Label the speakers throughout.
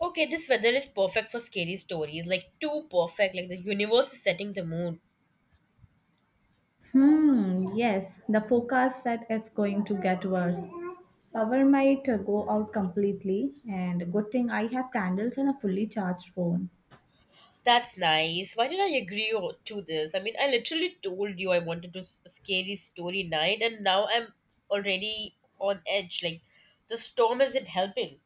Speaker 1: Okay, this weather is perfect for scary stories. Like too perfect. Like the universe is setting the mood.
Speaker 2: Hmm, yes, the forecast said it's going to get worse. Power might go out completely, and good thing I have candles and a fully charged phone.
Speaker 1: That's nice. Why did I agree to this? I mean, I literally told you I wanted to a scary story night, and now I'm already on edge. Like the storm isn't helping.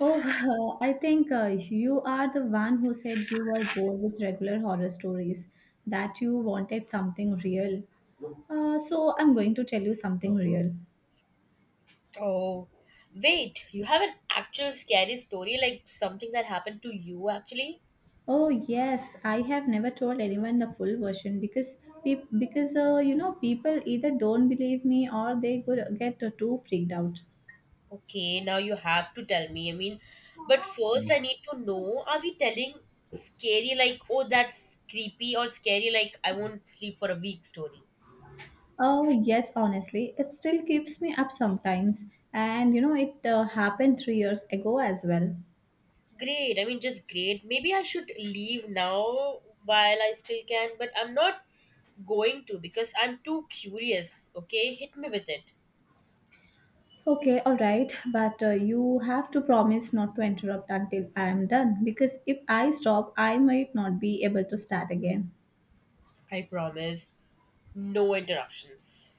Speaker 2: Oh, I think you are the one who said you were bored with regular horror stories, that you wanted something real. So I'm going to tell you something real.
Speaker 1: Oh, wait. You have an actual scary story, like something that happened to you actually?
Speaker 2: Oh yes, I have never told anyone the full version because because you know people either don't believe me or they could get too freaked out.
Speaker 1: Okay, now you have to tell me. I mean, but first I need to know, are we telling scary like, oh, that's creepy or scary like I won't sleep for a week story?
Speaker 2: Oh yes, honestly, it still keeps me up sometimes, and you know it happened 3 years ago as well.
Speaker 1: Great. I mean, just great. Maybe I should leave now while I still can, but I'm not going to because I'm too curious. Okay, hit me with it.
Speaker 2: Okay, all right, but you have to promise not to interrupt until I am done because if I stop, I might not be able to start again.
Speaker 1: I promise. No interruptions.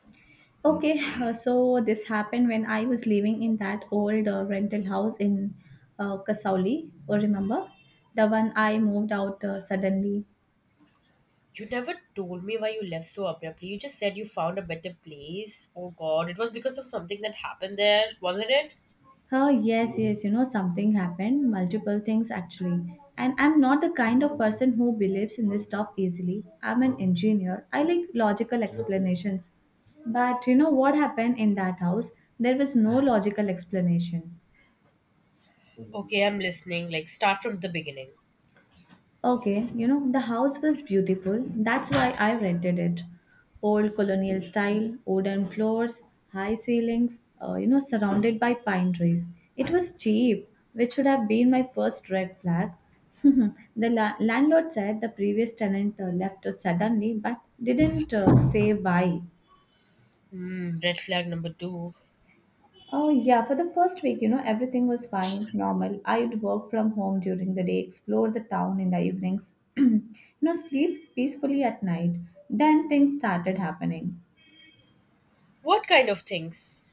Speaker 2: Okay, so this happened when I was living in that old rental house in Kasauli, or remember? The one I moved out suddenly.
Speaker 1: You never told me why you left so abruptly. You just said you found a better place. Oh God, it was because of something that happened there, wasn't it?
Speaker 2: Oh, yes, yes, you know, something happened, multiple things actually. And I'm not the kind of person who believes in this stuff easily. I'm an engineer, I like logical explanations. But you know what happened in that house? There was no logical explanation.
Speaker 1: Okay, I'm listening. Like, start from the beginning.
Speaker 2: Okay, you know, the house was beautiful. That's why I rented it. Old colonial style, wooden floors, high ceilings, you know, surrounded by pine trees. It was cheap, which should have been my first red flag. The landlord said the previous tenant left us suddenly but didn't say why.
Speaker 1: Mm, red flag number two.
Speaker 2: Oh, yeah. For the first week, you know, everything was fine, normal. I'd work from home during the day, explore the town in the evenings, you know, sleep peacefully at night. Then things started happening.
Speaker 1: What kind of things?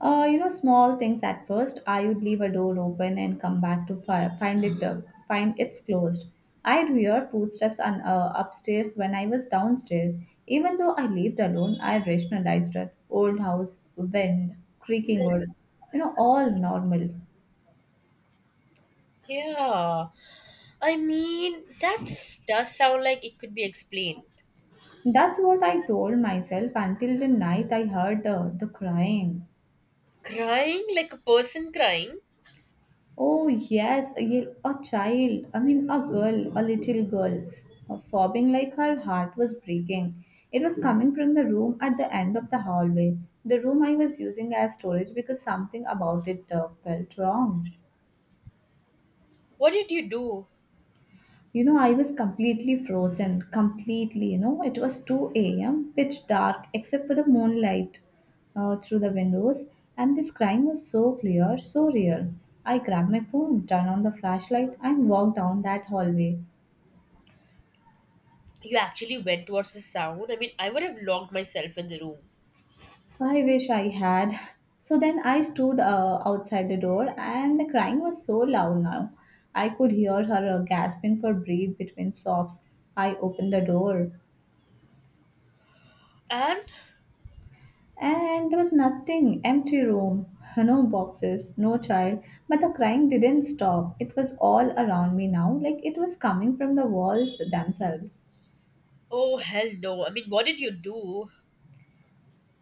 Speaker 2: You know, small things at first. I would leave a door open and come back to find it find it's closed. I'd hear footsteps on upstairs when I was downstairs. Even though I lived alone, I rationalized it. Old house, wind, creaking wood, you know, all normal.
Speaker 1: Yeah, I mean, that does sound like it could be explained.
Speaker 2: That's what I told myself until the night I heard the crying.
Speaker 1: Crying like a person crying?
Speaker 2: Oh, yes, a child, I mean, a girl, a little girl, sobbing like her heart was breaking. It was coming from the room at the end of the hallway, the room I was using as storage because something about it felt wrong.
Speaker 1: What did you do?
Speaker 2: You know, I was completely frozen, completely. You know, it was 2 a.m., pitch dark, except for the moonlight through the windows, and this crying was so clear, so real. I grabbed my phone, turned on the flashlight, and walked down that hallway.
Speaker 1: You actually went towards the sound? I mean, I would have locked myself in the room.
Speaker 2: I wish I had. So then I stood outside the door, and the crying was so loud now. I could hear her gasping for breath between sobs. I opened the door.
Speaker 1: And?
Speaker 2: And there was nothing, empty room, no boxes, no child, but the crying didn't stop. It was all around me now, like it was coming from the walls themselves.
Speaker 1: Oh, hell no. I mean, what did you do?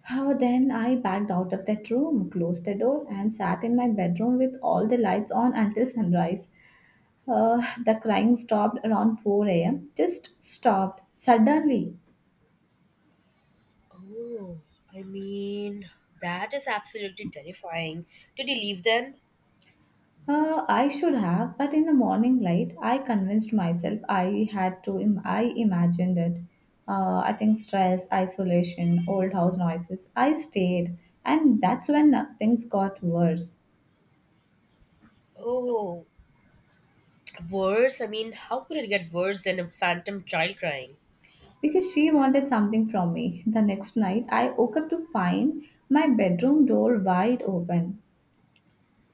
Speaker 2: How then I backed out of that room, closed the door, and sat in my bedroom with all the lights on until sunrise. Uh, the crying stopped around 4 a.m. Just stopped suddenly.
Speaker 1: Oh, I mean, that is absolutely terrifying. Did he leave then?
Speaker 2: I should have, but in the morning light, I convinced myself I had to. I imagined it. I think stress, isolation, old house noises. I stayed, and that's when things got worse
Speaker 1: Oh, worse. I mean, how could it get worse than a phantom child crying?
Speaker 2: because she wanted something from me. The next night, I woke up to find my bedroom door wide open.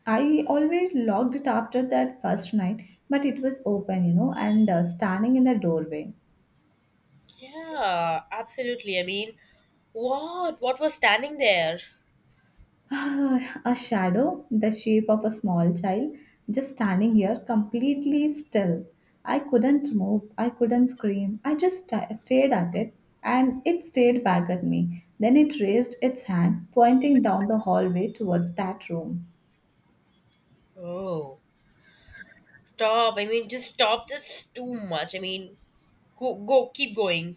Speaker 2: I always locked it after that first night, but it was open, you know, and standing in the doorway.
Speaker 1: Yeah, absolutely. I mean, what? What was standing there?
Speaker 2: Ah, a shadow, the shape of a small child, just standing here completely still. I couldn't move, I couldn't scream. I just stared at it and it stared back at me. Then it raised its hand, pointing down the hallway towards that room.
Speaker 1: Oh, stop. I mean, just stop. This is too much. I mean, go, go, keep going.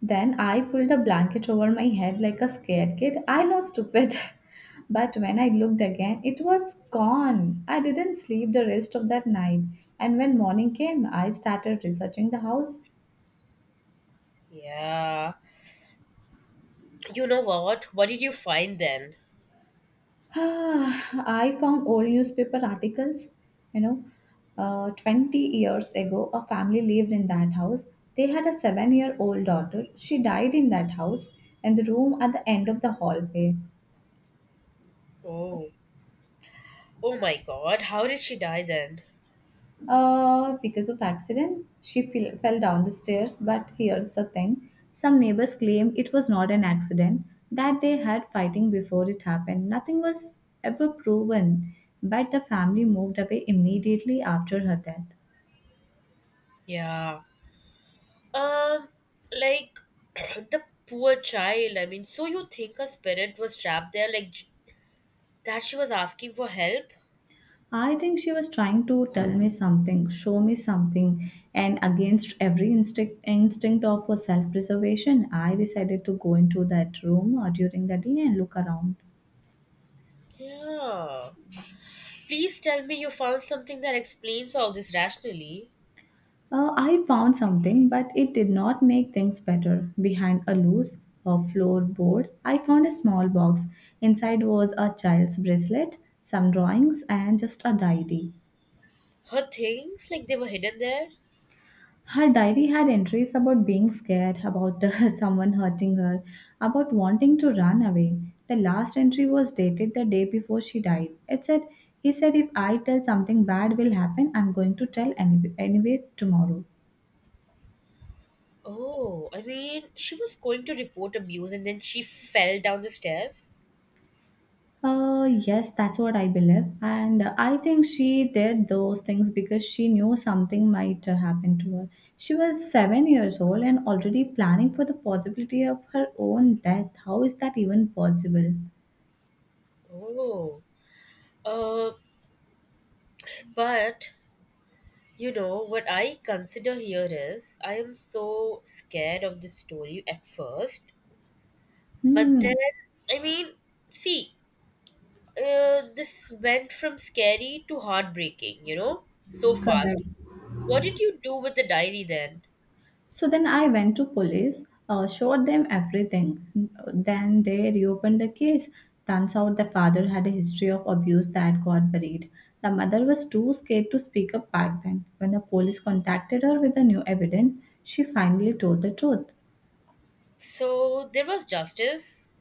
Speaker 2: Then I pulled a blanket over my head like a scared kid. I know, stupid. But when I looked again, it was gone. I didn't sleep the rest of that night. And when morning came, I started researching the house.
Speaker 1: Yeah. You know what? What did you find then?
Speaker 2: Ah, I found old newspaper articles. You know, 20 years ago, a family lived in that house. They had a 7 year old daughter. She died in that house and the room at the end of the hallway.
Speaker 1: Oh, oh my God. How did she die then?
Speaker 2: Because of accident, she fell down the stairs. But here's the thing, some neighbors claim it was not an accident, that they had fighting before it happened. Nothing was ever proven, but the family moved away immediately after her death.
Speaker 1: Yeah. Uh, like the poor child. I mean, so you think a spirit was trapped there, like that she was asking for help?
Speaker 2: I think she was trying to tell me something, show me something, and against every instinct of self preservation, I decided to go into that room during the day and look around.
Speaker 1: Yeah. Please tell me you found something that explains all this rationally.
Speaker 2: I found something, but it did not make things better. Behind a loose floorboard, I found a small box. Inside was a child's bracelet, some drawings, and just a diary.
Speaker 1: Her things, like they were hidden there?
Speaker 2: Her diary had entries about being scared, about someone hurting her, about wanting to run away. The last entry was dated the day before she died. It said, he said, if I tell something bad will happen, I'm going to tell anyway tomorrow.
Speaker 1: Oh, I mean, she was going to report abuse and then she fell down the stairs?
Speaker 2: Yes, that's what I believe. And I think she did those things because she knew something might happen to her. She was 7 years old and already planning for the possibility of her own death. How is that even possible?
Speaker 1: Oh. Uh, but you know what I consider here is I am so scared of this story at first. But
Speaker 2: Hmm.
Speaker 1: then, I mean, see, this went from scary to heartbreaking, so fast.
Speaker 2: Correct.
Speaker 1: What did you do with the diary then?
Speaker 2: So then I went to police, showed them everything. Then they reopened the case. Turns out the father had a history of abuse that got buried. The mother was too scared to speak up back then. When the police contacted her with the new evidence, she finally told the truth.
Speaker 1: So there was justice.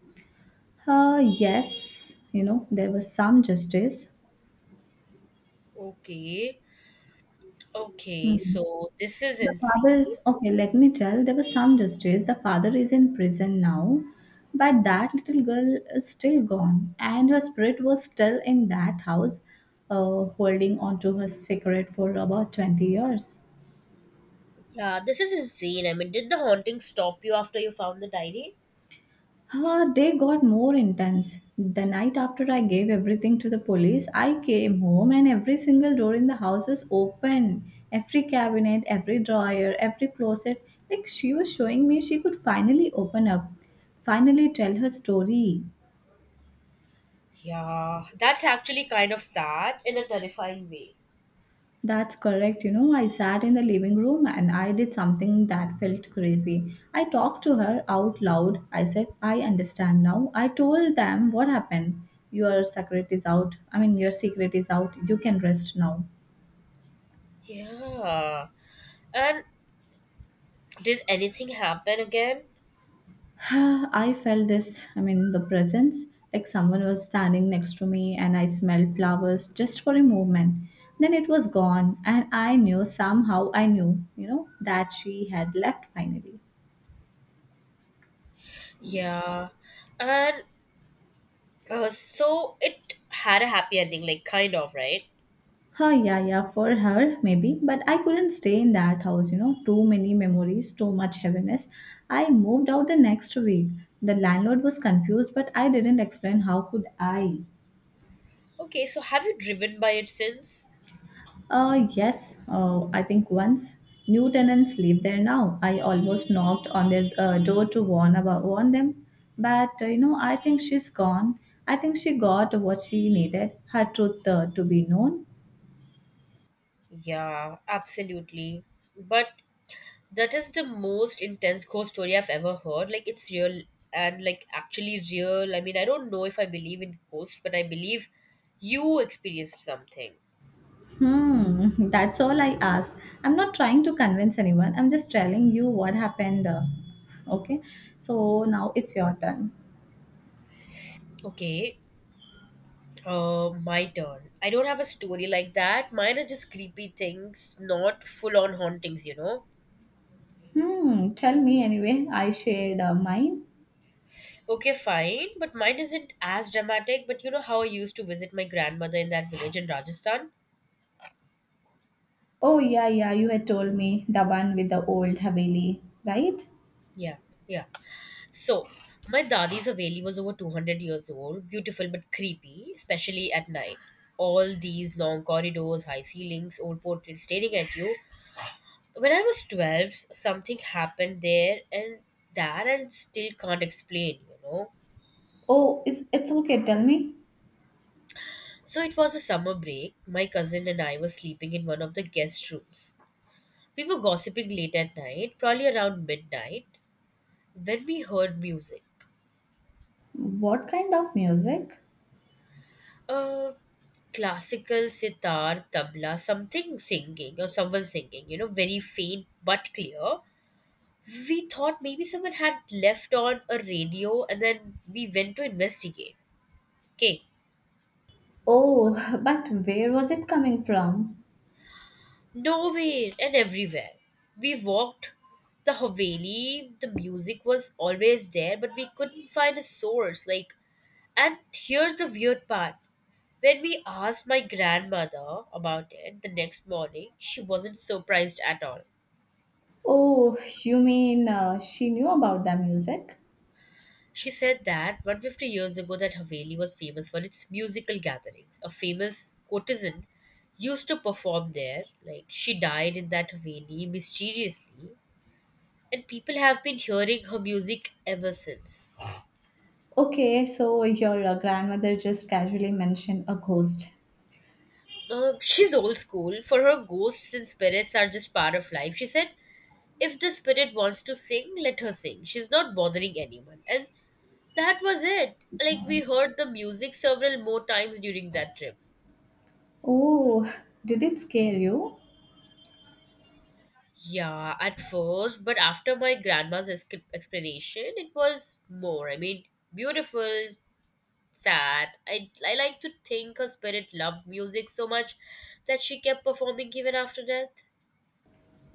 Speaker 2: Yes, you know, there was some justice.
Speaker 1: Okay. Okay.
Speaker 2: Hmm.
Speaker 1: So this is
Speaker 2: The father
Speaker 1: insane.
Speaker 2: is okay. Let me tell. There was some justice. The father is in prison now, but that little girl is still gone, and her spirit was still in that house, holding on to her secret for about 20 years.
Speaker 1: Yeah, this is insane. I mean, did the haunting stop you after you found the diary?
Speaker 2: Ah, they got more intense. The night after I gave everything to the police, I came home and every single door in the house was open. Every cabinet, every drawer, every closet. Like she was showing me she could finally open up, finally tell her story.
Speaker 1: Yeah, that's actually kind of sad in a terrifying way.
Speaker 2: That's correct. You know, I sat in the living room and I did something that felt crazy. I talked to her out loud. I said, I understand now. I told them what happened. Your secret is out. I mean, your secret is out. You can rest now.
Speaker 1: Yeah. And did anything happen again?
Speaker 2: I felt this, I mean, the presence, like someone was standing next to me and I smelled flowers just for a moment. Then it was gone, and I knew somehow I knew, you know, that she had left finally.
Speaker 1: Yeah. And so it had a happy ending, like kind of, right?
Speaker 2: Huh, yeah, yeah, for her, maybe. But I couldn't stay in that house, you know. Too many memories, too much heaviness. I moved out the next week. The landlord was confused, but I didn't explain how could I.
Speaker 1: Okay, so have you driven by it since?
Speaker 2: Yes, I think once. New tenants live there now. I almost knocked on their door to warn about warn them. But, you know, I think she's gone. I think she got what she needed, her truth to be known.
Speaker 1: Yeah, absolutely. But that is the most intense ghost story I've ever heard. Like it's real and like actually real. I mean, I don't know if I believe in ghosts, but I believe you experienced something.
Speaker 2: Hmm, that's all I ask. I'm not trying to convince anyone. I'm just telling you what happened. Okay, so now it's your turn.
Speaker 1: Okay. My turn. I don't have a story like that. Mine are just creepy things, not full on hauntings, you know?
Speaker 2: Hmm, tell me anyway. I shared mine.
Speaker 1: Okay, fine, but mine isn't as dramatic. But you know how I used to visit my grandmother in that village in Rajasthan?
Speaker 2: Oh yeah, yeah. You had told me the one with the old Haveli, right?
Speaker 1: Yeah, yeah. So, my dadi's Haveli was over 200 years old, beautiful but creepy, especially at night. All these long corridors, high ceilings, old portraits staring at you. When I was 12, something happened there, and that I still can't explain.
Speaker 2: Oh, it's okay. Tell me,
Speaker 1: So, it was a summer break. My cousin and I were sleeping in one of the guest rooms. We were gossiping late at night, probably around midnight, when we heard music.
Speaker 2: what kind of music?
Speaker 1: Uh, classical, sitar, tabla, something singing or someone singing, very faint but clear. We thought maybe someone had left on a radio and then we went to investigate. Okay.
Speaker 2: Oh, but where was it coming from?
Speaker 1: Nowhere and everywhere. We walked the Haveli, the music was always there, but we couldn't find a source. Like, and here's the weird part. When we asked my grandmother about it the next morning, she wasn't surprised at all.
Speaker 2: Oh, you mean she knew about the music?
Speaker 1: She said that 150 years ago that Haveli was famous for its musical gatherings. A famous courtesan used to perform there. Like she died in that Haveli mysteriously and people have been hearing her music ever since.
Speaker 2: Okay, so your grandmother just casually mentioned a ghost.
Speaker 1: She's old school. For her, ghosts and spirits are just part of life. She said, if the spirit wants to sing, let her sing. She's not bothering anyone. And that was it. Like, we heard the music several more times during that trip.
Speaker 2: Oh, did it scare you?
Speaker 1: Yeah, at first, but after my grandma's explanation, it was more. I mean, beautiful, sad. I like to think her spirit loved music so much that she kept performing even after death.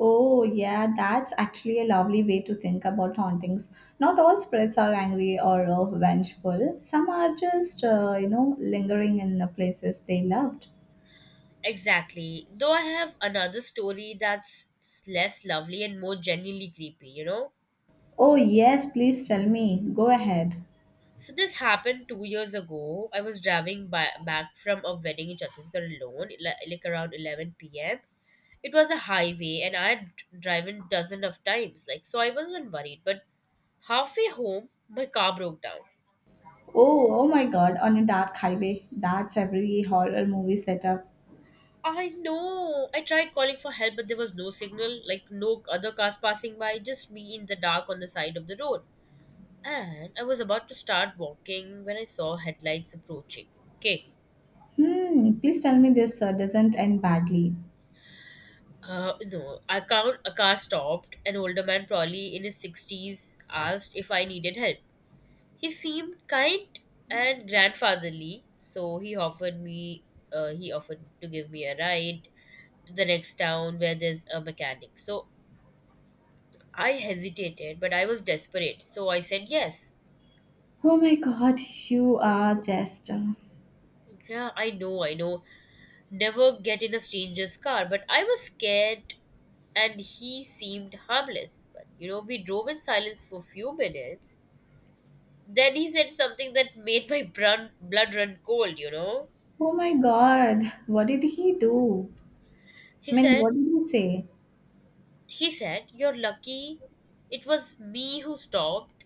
Speaker 2: Oh, yeah, that's actually a lovely way to think about hauntings. Not all spirits are angry or vengeful. Some are just, you know, lingering in the places they loved.
Speaker 1: Exactly. Though I have another story that's less lovely and more genuinely creepy, you know?
Speaker 2: Oh, yes, please tell me. Go ahead.
Speaker 1: So this happened 2 years ago. I was driving by, back from a wedding in Chhattisgarh alone, like around 11 p.m. It was a highway, and I had driven dozens of times, like so I wasn't worried. But halfway home, my car broke down.
Speaker 2: Oh, oh my god, on a dark highway. That's every horror movie setup.
Speaker 1: I know. I tried calling for help, but there was no signal, like no other cars passing by, just me in the dark on the side of the road. And I was about to start walking when I saw headlights approaching. Okay,
Speaker 2: Hmm, please tell me this doesn't end badly.
Speaker 1: no, I count a car stopped. An older man, probably in his 60s, asked if I needed help. He seemed kind and grandfatherly, so he offered to give me a ride to the next town where there's a mechanic. So I hesitated, but I was desperate, so I said yes.
Speaker 2: Oh my god, you are just.
Speaker 1: Yeah, I know, I know. Never get in a stranger's car, but I was scared and he seemed harmless. But we drove in silence for a few minutes. Then he said something that made my blood run cold.
Speaker 2: Oh my god, what did he do?
Speaker 1: He
Speaker 2: I mean,
Speaker 1: said,
Speaker 2: what did he say?
Speaker 1: he said, you're lucky. It was me who stopped.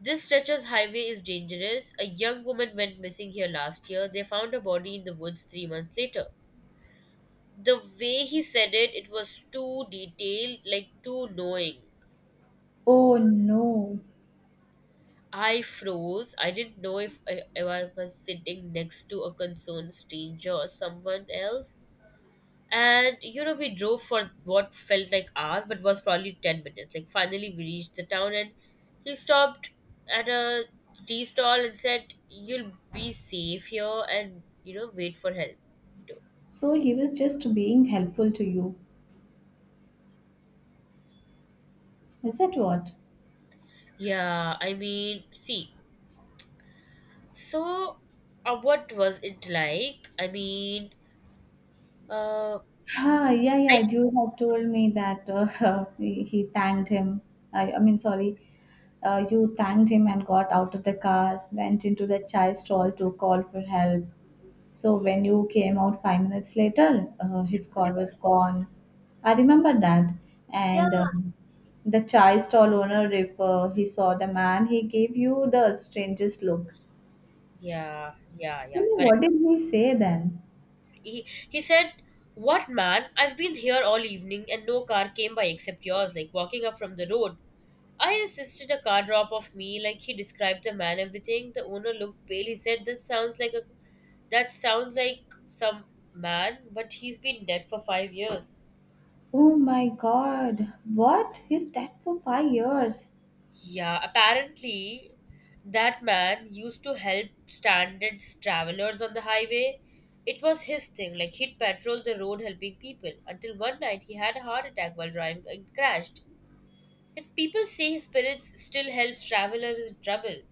Speaker 1: This stretcher's highway is dangerous. A young woman went missing here last year. They found her body in the woods 3 months later. The way he said it, it was too detailed, like too knowing.
Speaker 2: Oh no.
Speaker 1: I froze. I didn't know if I was sitting next to a concerned stranger or someone else. And we drove for what felt like hours but was probably 10 minutes. Like finally we reached the town, and he stopped at a tea stall and said, you'll be safe here, and wait for help. You know.
Speaker 2: So he was just being helpful to you. Is that what?
Speaker 1: Yeah, I mean, see. So, what was it like? I mean, uh,
Speaker 2: Ah, yeah,
Speaker 1: I.
Speaker 2: yeah, you have told me that he thanked him. I mean, sorry, you thanked him and got out of the car, went into the chai stall to call for help. So when you came out 5 minutes later, his call was gone. I remember that.
Speaker 1: Yeah,
Speaker 2: And The chai stall owner, if he saw the man, he gave you the strangest look.
Speaker 1: yeah, yeah,
Speaker 2: I
Speaker 1: yeah,
Speaker 2: mean,
Speaker 1: correct.
Speaker 2: what did he say then?
Speaker 1: He said, "What man? I've been here all evening and no car came by except yours. Like walking up from the road." I insisted a car drop off me. Like he described the man, everything. The owner looked pale. He said, "That sounds like a that sounds like some man, but he's been dead for 5 years."
Speaker 2: Oh my God! What? He's dead for 5 years.
Speaker 1: Yeah, apparently that man used to help stranded travelers on the highway. It was his thing, like he'd patrol the road helping people until one night he had a heart attack while driving and crashed. And people say his spirits still helps travelers in trouble.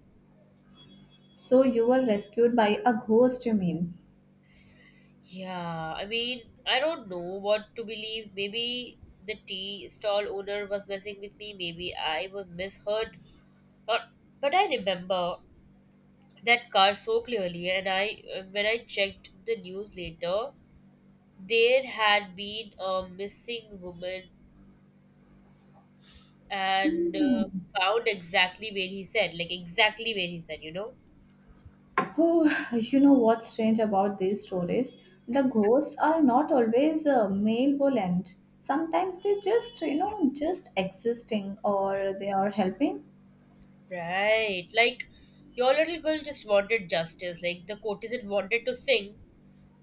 Speaker 2: So you were rescued by a ghost, you mean?
Speaker 1: Yeah, I mean, I don't know what to believe. Maybe the tea stall owner was messing with me, maybe I was misheard. Or, but I remember that car so clearly, and I when I checked the news later, there had been a missing woman, and
Speaker 2: Hmm.
Speaker 1: found exactly where he said, like exactly where he said.
Speaker 2: Oh, you know what's strange about these stories? The ghosts are not always malevolent. Sometimes they just, you know, just existing or they are helping.
Speaker 1: Right, like your little girl just wanted justice, like the courtesan wanted to sing,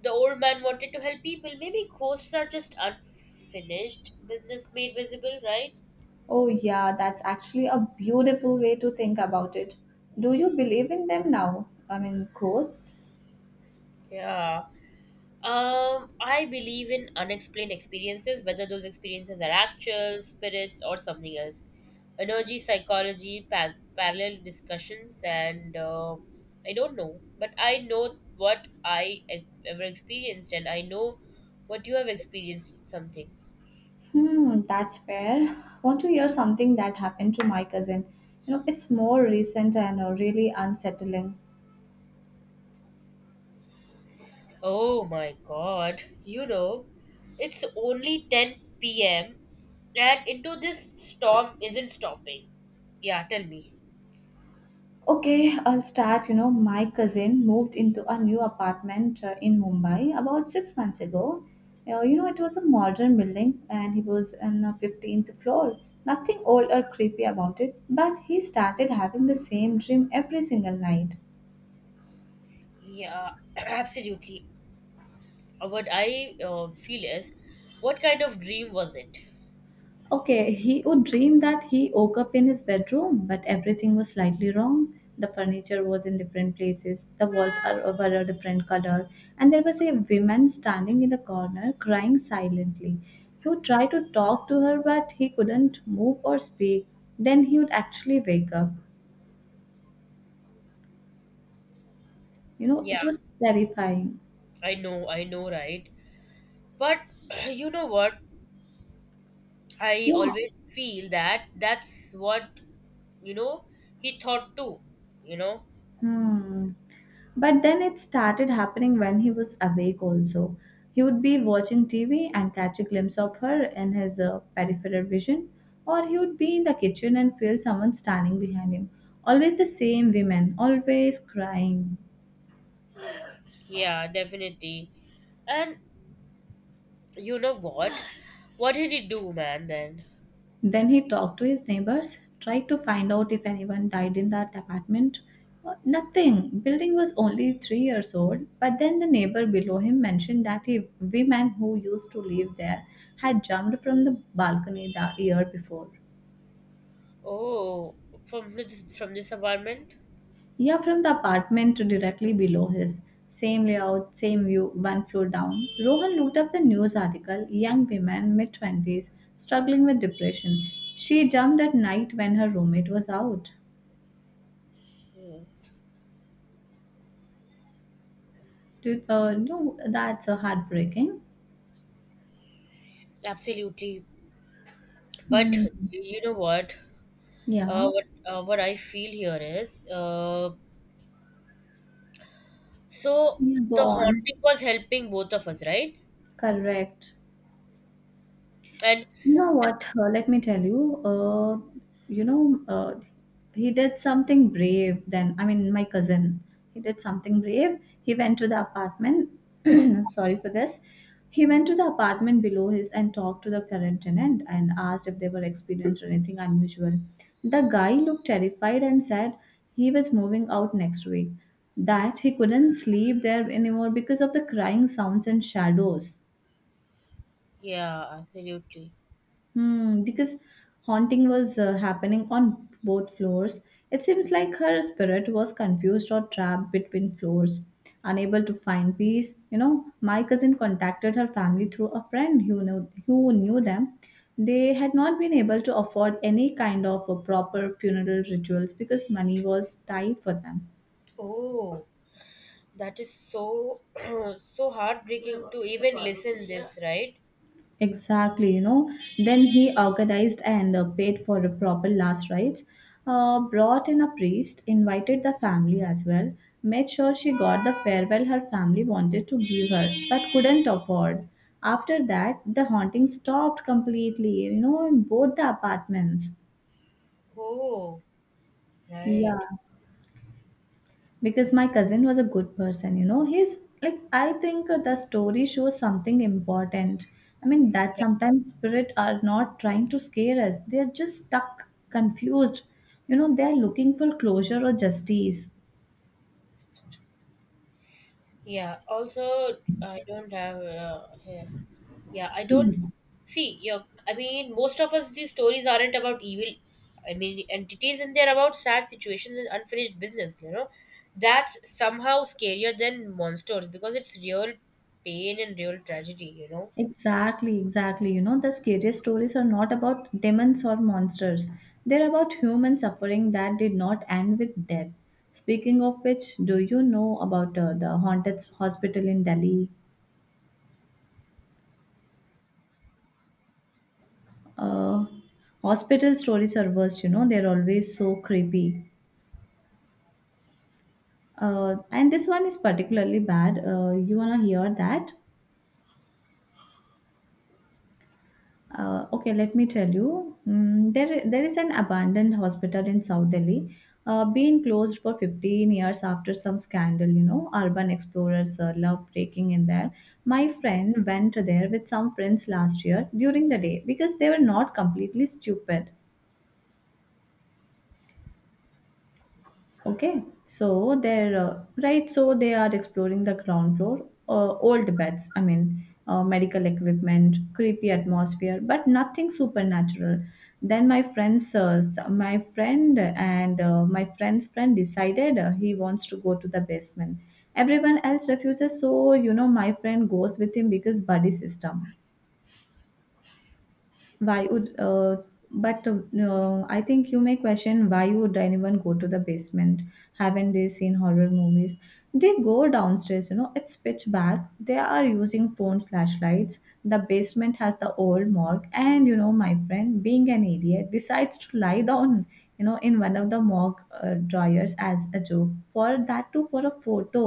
Speaker 1: the old man wanted to help people. Maybe ghosts are just unfinished business made visible, right?
Speaker 2: Oh, yeah, that's actually a beautiful way to think about it. Do you believe in them now? I mean, ghosts?
Speaker 1: Yeah. I believe in unexplained experiences, whether those experiences are actual, spirits, or something else. Energy, psychology, parallel discussions, and I don't know, but I know what I ever experienced, and I know what you have experienced something.
Speaker 2: Hmm, that's fair. Want to hear something that happened to my cousin? You know, it's more recent and really unsettling.
Speaker 1: Oh my God, it's only 10 p.m., and into this storm isn't stopping. Yeah, tell me.
Speaker 2: Okay, I'll start. You know, my cousin moved into a new apartment in Mumbai about 6 months ago. You know, it was a modern building and he was on the 15th floor. Nothing old or creepy about it, but he started having the same dream every single night.
Speaker 1: Yeah, absolutely. What I feel is, what kind of dream was it?
Speaker 2: Okay, he would dream that he woke up in his bedroom, but everything was slightly wrong. The furniture was in different places, the walls are were a different color, and there was a woman standing in the corner crying silently. He would try to talk to her, but he couldn't move or speak. Then he would actually wake up. You know,
Speaker 1: Yeah,
Speaker 2: it was terrifying.
Speaker 1: I know, right? But you know what? I
Speaker 2: Yeah.
Speaker 1: always feel that that's what, you know, he thought too, you know?
Speaker 2: Hmm. But then it started happening when he was awake also. He would be watching TV and catch a glimpse of her in his peripheral vision, or he would be in the kitchen and feel someone standing behind him. Always the same women, always crying.
Speaker 1: Yeah, definitely. And you know what? What did he do, man, then?
Speaker 2: Then he talked to his neighbors, tried to find out if anyone died in that apartment. Nothing. Building was only 3 years old, but then the neighbor below him mentioned that a woman who used to live there had jumped from the balcony the year before.
Speaker 1: Oh, from this apartment?
Speaker 2: Yeah, from the apartment to directly below his. Same layout, same view, one floor down. Rohan looked up the news article young women, mid 20s, struggling with depression. She jumped at night when her roommate was out.
Speaker 1: Hmm,
Speaker 2: Dude, no, that's a heartbreaking.
Speaker 1: absolutely. But
Speaker 2: Hmm.
Speaker 1: you know what? Uh,
Speaker 2: Yeah.
Speaker 1: what uh, what I feel here is so
Speaker 2: Yeah, go
Speaker 1: the
Speaker 2: on.
Speaker 1: haunting was helping both of us, right?
Speaker 2: Correct.
Speaker 1: And
Speaker 2: You know what? Let me tell you. You know, uh, he did something brave. Then I mean, my cousin. He did something brave. He went to the apartment. Sorry for this. He went to the apartment below his and talked to the current tenant and asked if they were experienced anything unusual. The guy looked terrified and said he was moving out next week. That he couldn't sleep there anymore because of the crying sounds and shadows.
Speaker 1: yeah, absolutely.
Speaker 2: Hmm, because haunting was happening on both floors. It seems like her spirit was confused or trapped between floors, unable to find peace. You know, my cousin contacted her family through a friend who knew them. They had not been able to afford any kind of a proper funeral rituals because money was tight for them.
Speaker 1: Oh, that is so so heartbreaking to even listen this, right?
Speaker 2: Exactly, you know. Then he organized and paid for the proper last rites, brought in a priest, invited the family as well, made sure she got the farewell her family wanted to give her but couldn't afford. After that, the haunting stopped completely, you know, in both the apartments.
Speaker 1: Oh,
Speaker 2: Yeah.
Speaker 1: right.
Speaker 2: Because my cousin was a good person, you know, he's like I think the story shows something important. I mean that
Speaker 1: Yeah.
Speaker 2: sometimes spirit are not trying to scare us, they're just stuck, confused, you know, they're looking for closure or justice.
Speaker 1: Yeah. Also, I don't have here. Yeah, I don't see. Yeah, I mean, most of us these stories aren't about evil. I mean, entities, and they're about sad situations and unfinished business. That's somehow scarier than monsters because it's real pain and real tragedy. You know,
Speaker 2: Exactly, exactly. You know, the scariest stories are not about demons or monsters. They're about human suffering that did not end with death. Speaking of which, do you know about the haunted hospital in Delhi? uh, Hospital stories are worst, you know, they're always so creepy. And this one is particularly bad. You wanna hear that? Okay, let me tell you. There is an abandoned hospital in South Delhi, being closed for 15 years after some scandal. You know, urban explorers love breaking in there. My friend went there with some friends last year during the day because they were not completely stupid. Okay, so they're right. So they are exploring the ground floor, old beds. Medical equipment, creepy atmosphere, but nothing supernatural. Then my friend and my friend's friend decided he wants to go to the basement. Everyone else refuses, so you know my friend goes with him because buddy system. Why would but I think you may question why would anyone go to the basement. Haven't they seen horror movies? They go downstairs, you know, it's pitch black, they are using phone flashlights. The basement has the old morgue and you know my friend being an idiot decides to lie down, you know, in one of the morgue drawers as a joke for that too for a photo.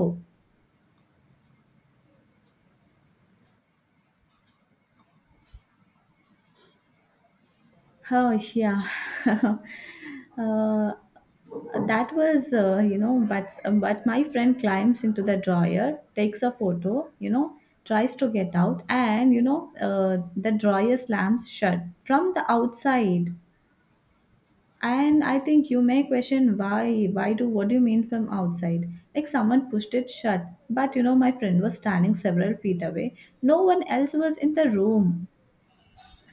Speaker 2: Oh yeah, uh, that was you know. But my friend climbs into the drawer, takes a photo, you know, tries to get out, and you know, the drawer slams shut from the outside. And I think you may question why? Why do? What do you mean from outside? Like someone pushed it shut. But you know, my friend was standing several feet away. No one else was in the room.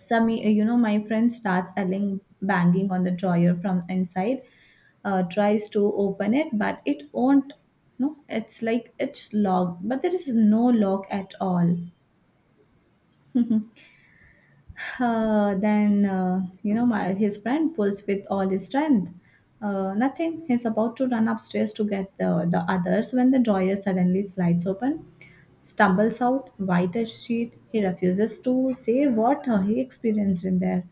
Speaker 2: Some You know, my friend starts yelling, banging on the drawer from inside, tries to open it but it won't. No, it's like it's locked but there is no lock at all. You know, his friend pulls with all his strength. Nothing. He's about to run upstairs to get the others when the drawer suddenly slides open. Stumbles out, white as sheet. He refuses to say what he experienced in there.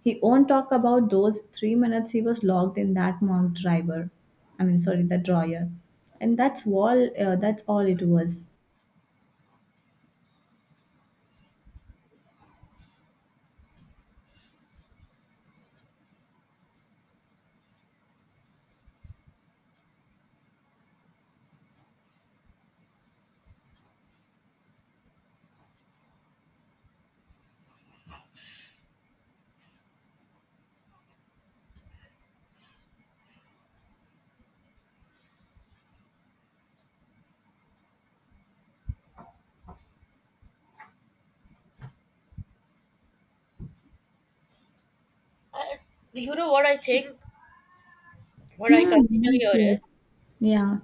Speaker 2: He won't talk about those 3 minutes he was locked in that marked driver. I mean, sorry, the drawer. And that's all it was.
Speaker 1: and you know what I think. What I
Speaker 2: Hmm,
Speaker 1: consider
Speaker 2: yes,
Speaker 1: here is
Speaker 2: yes. Yeah.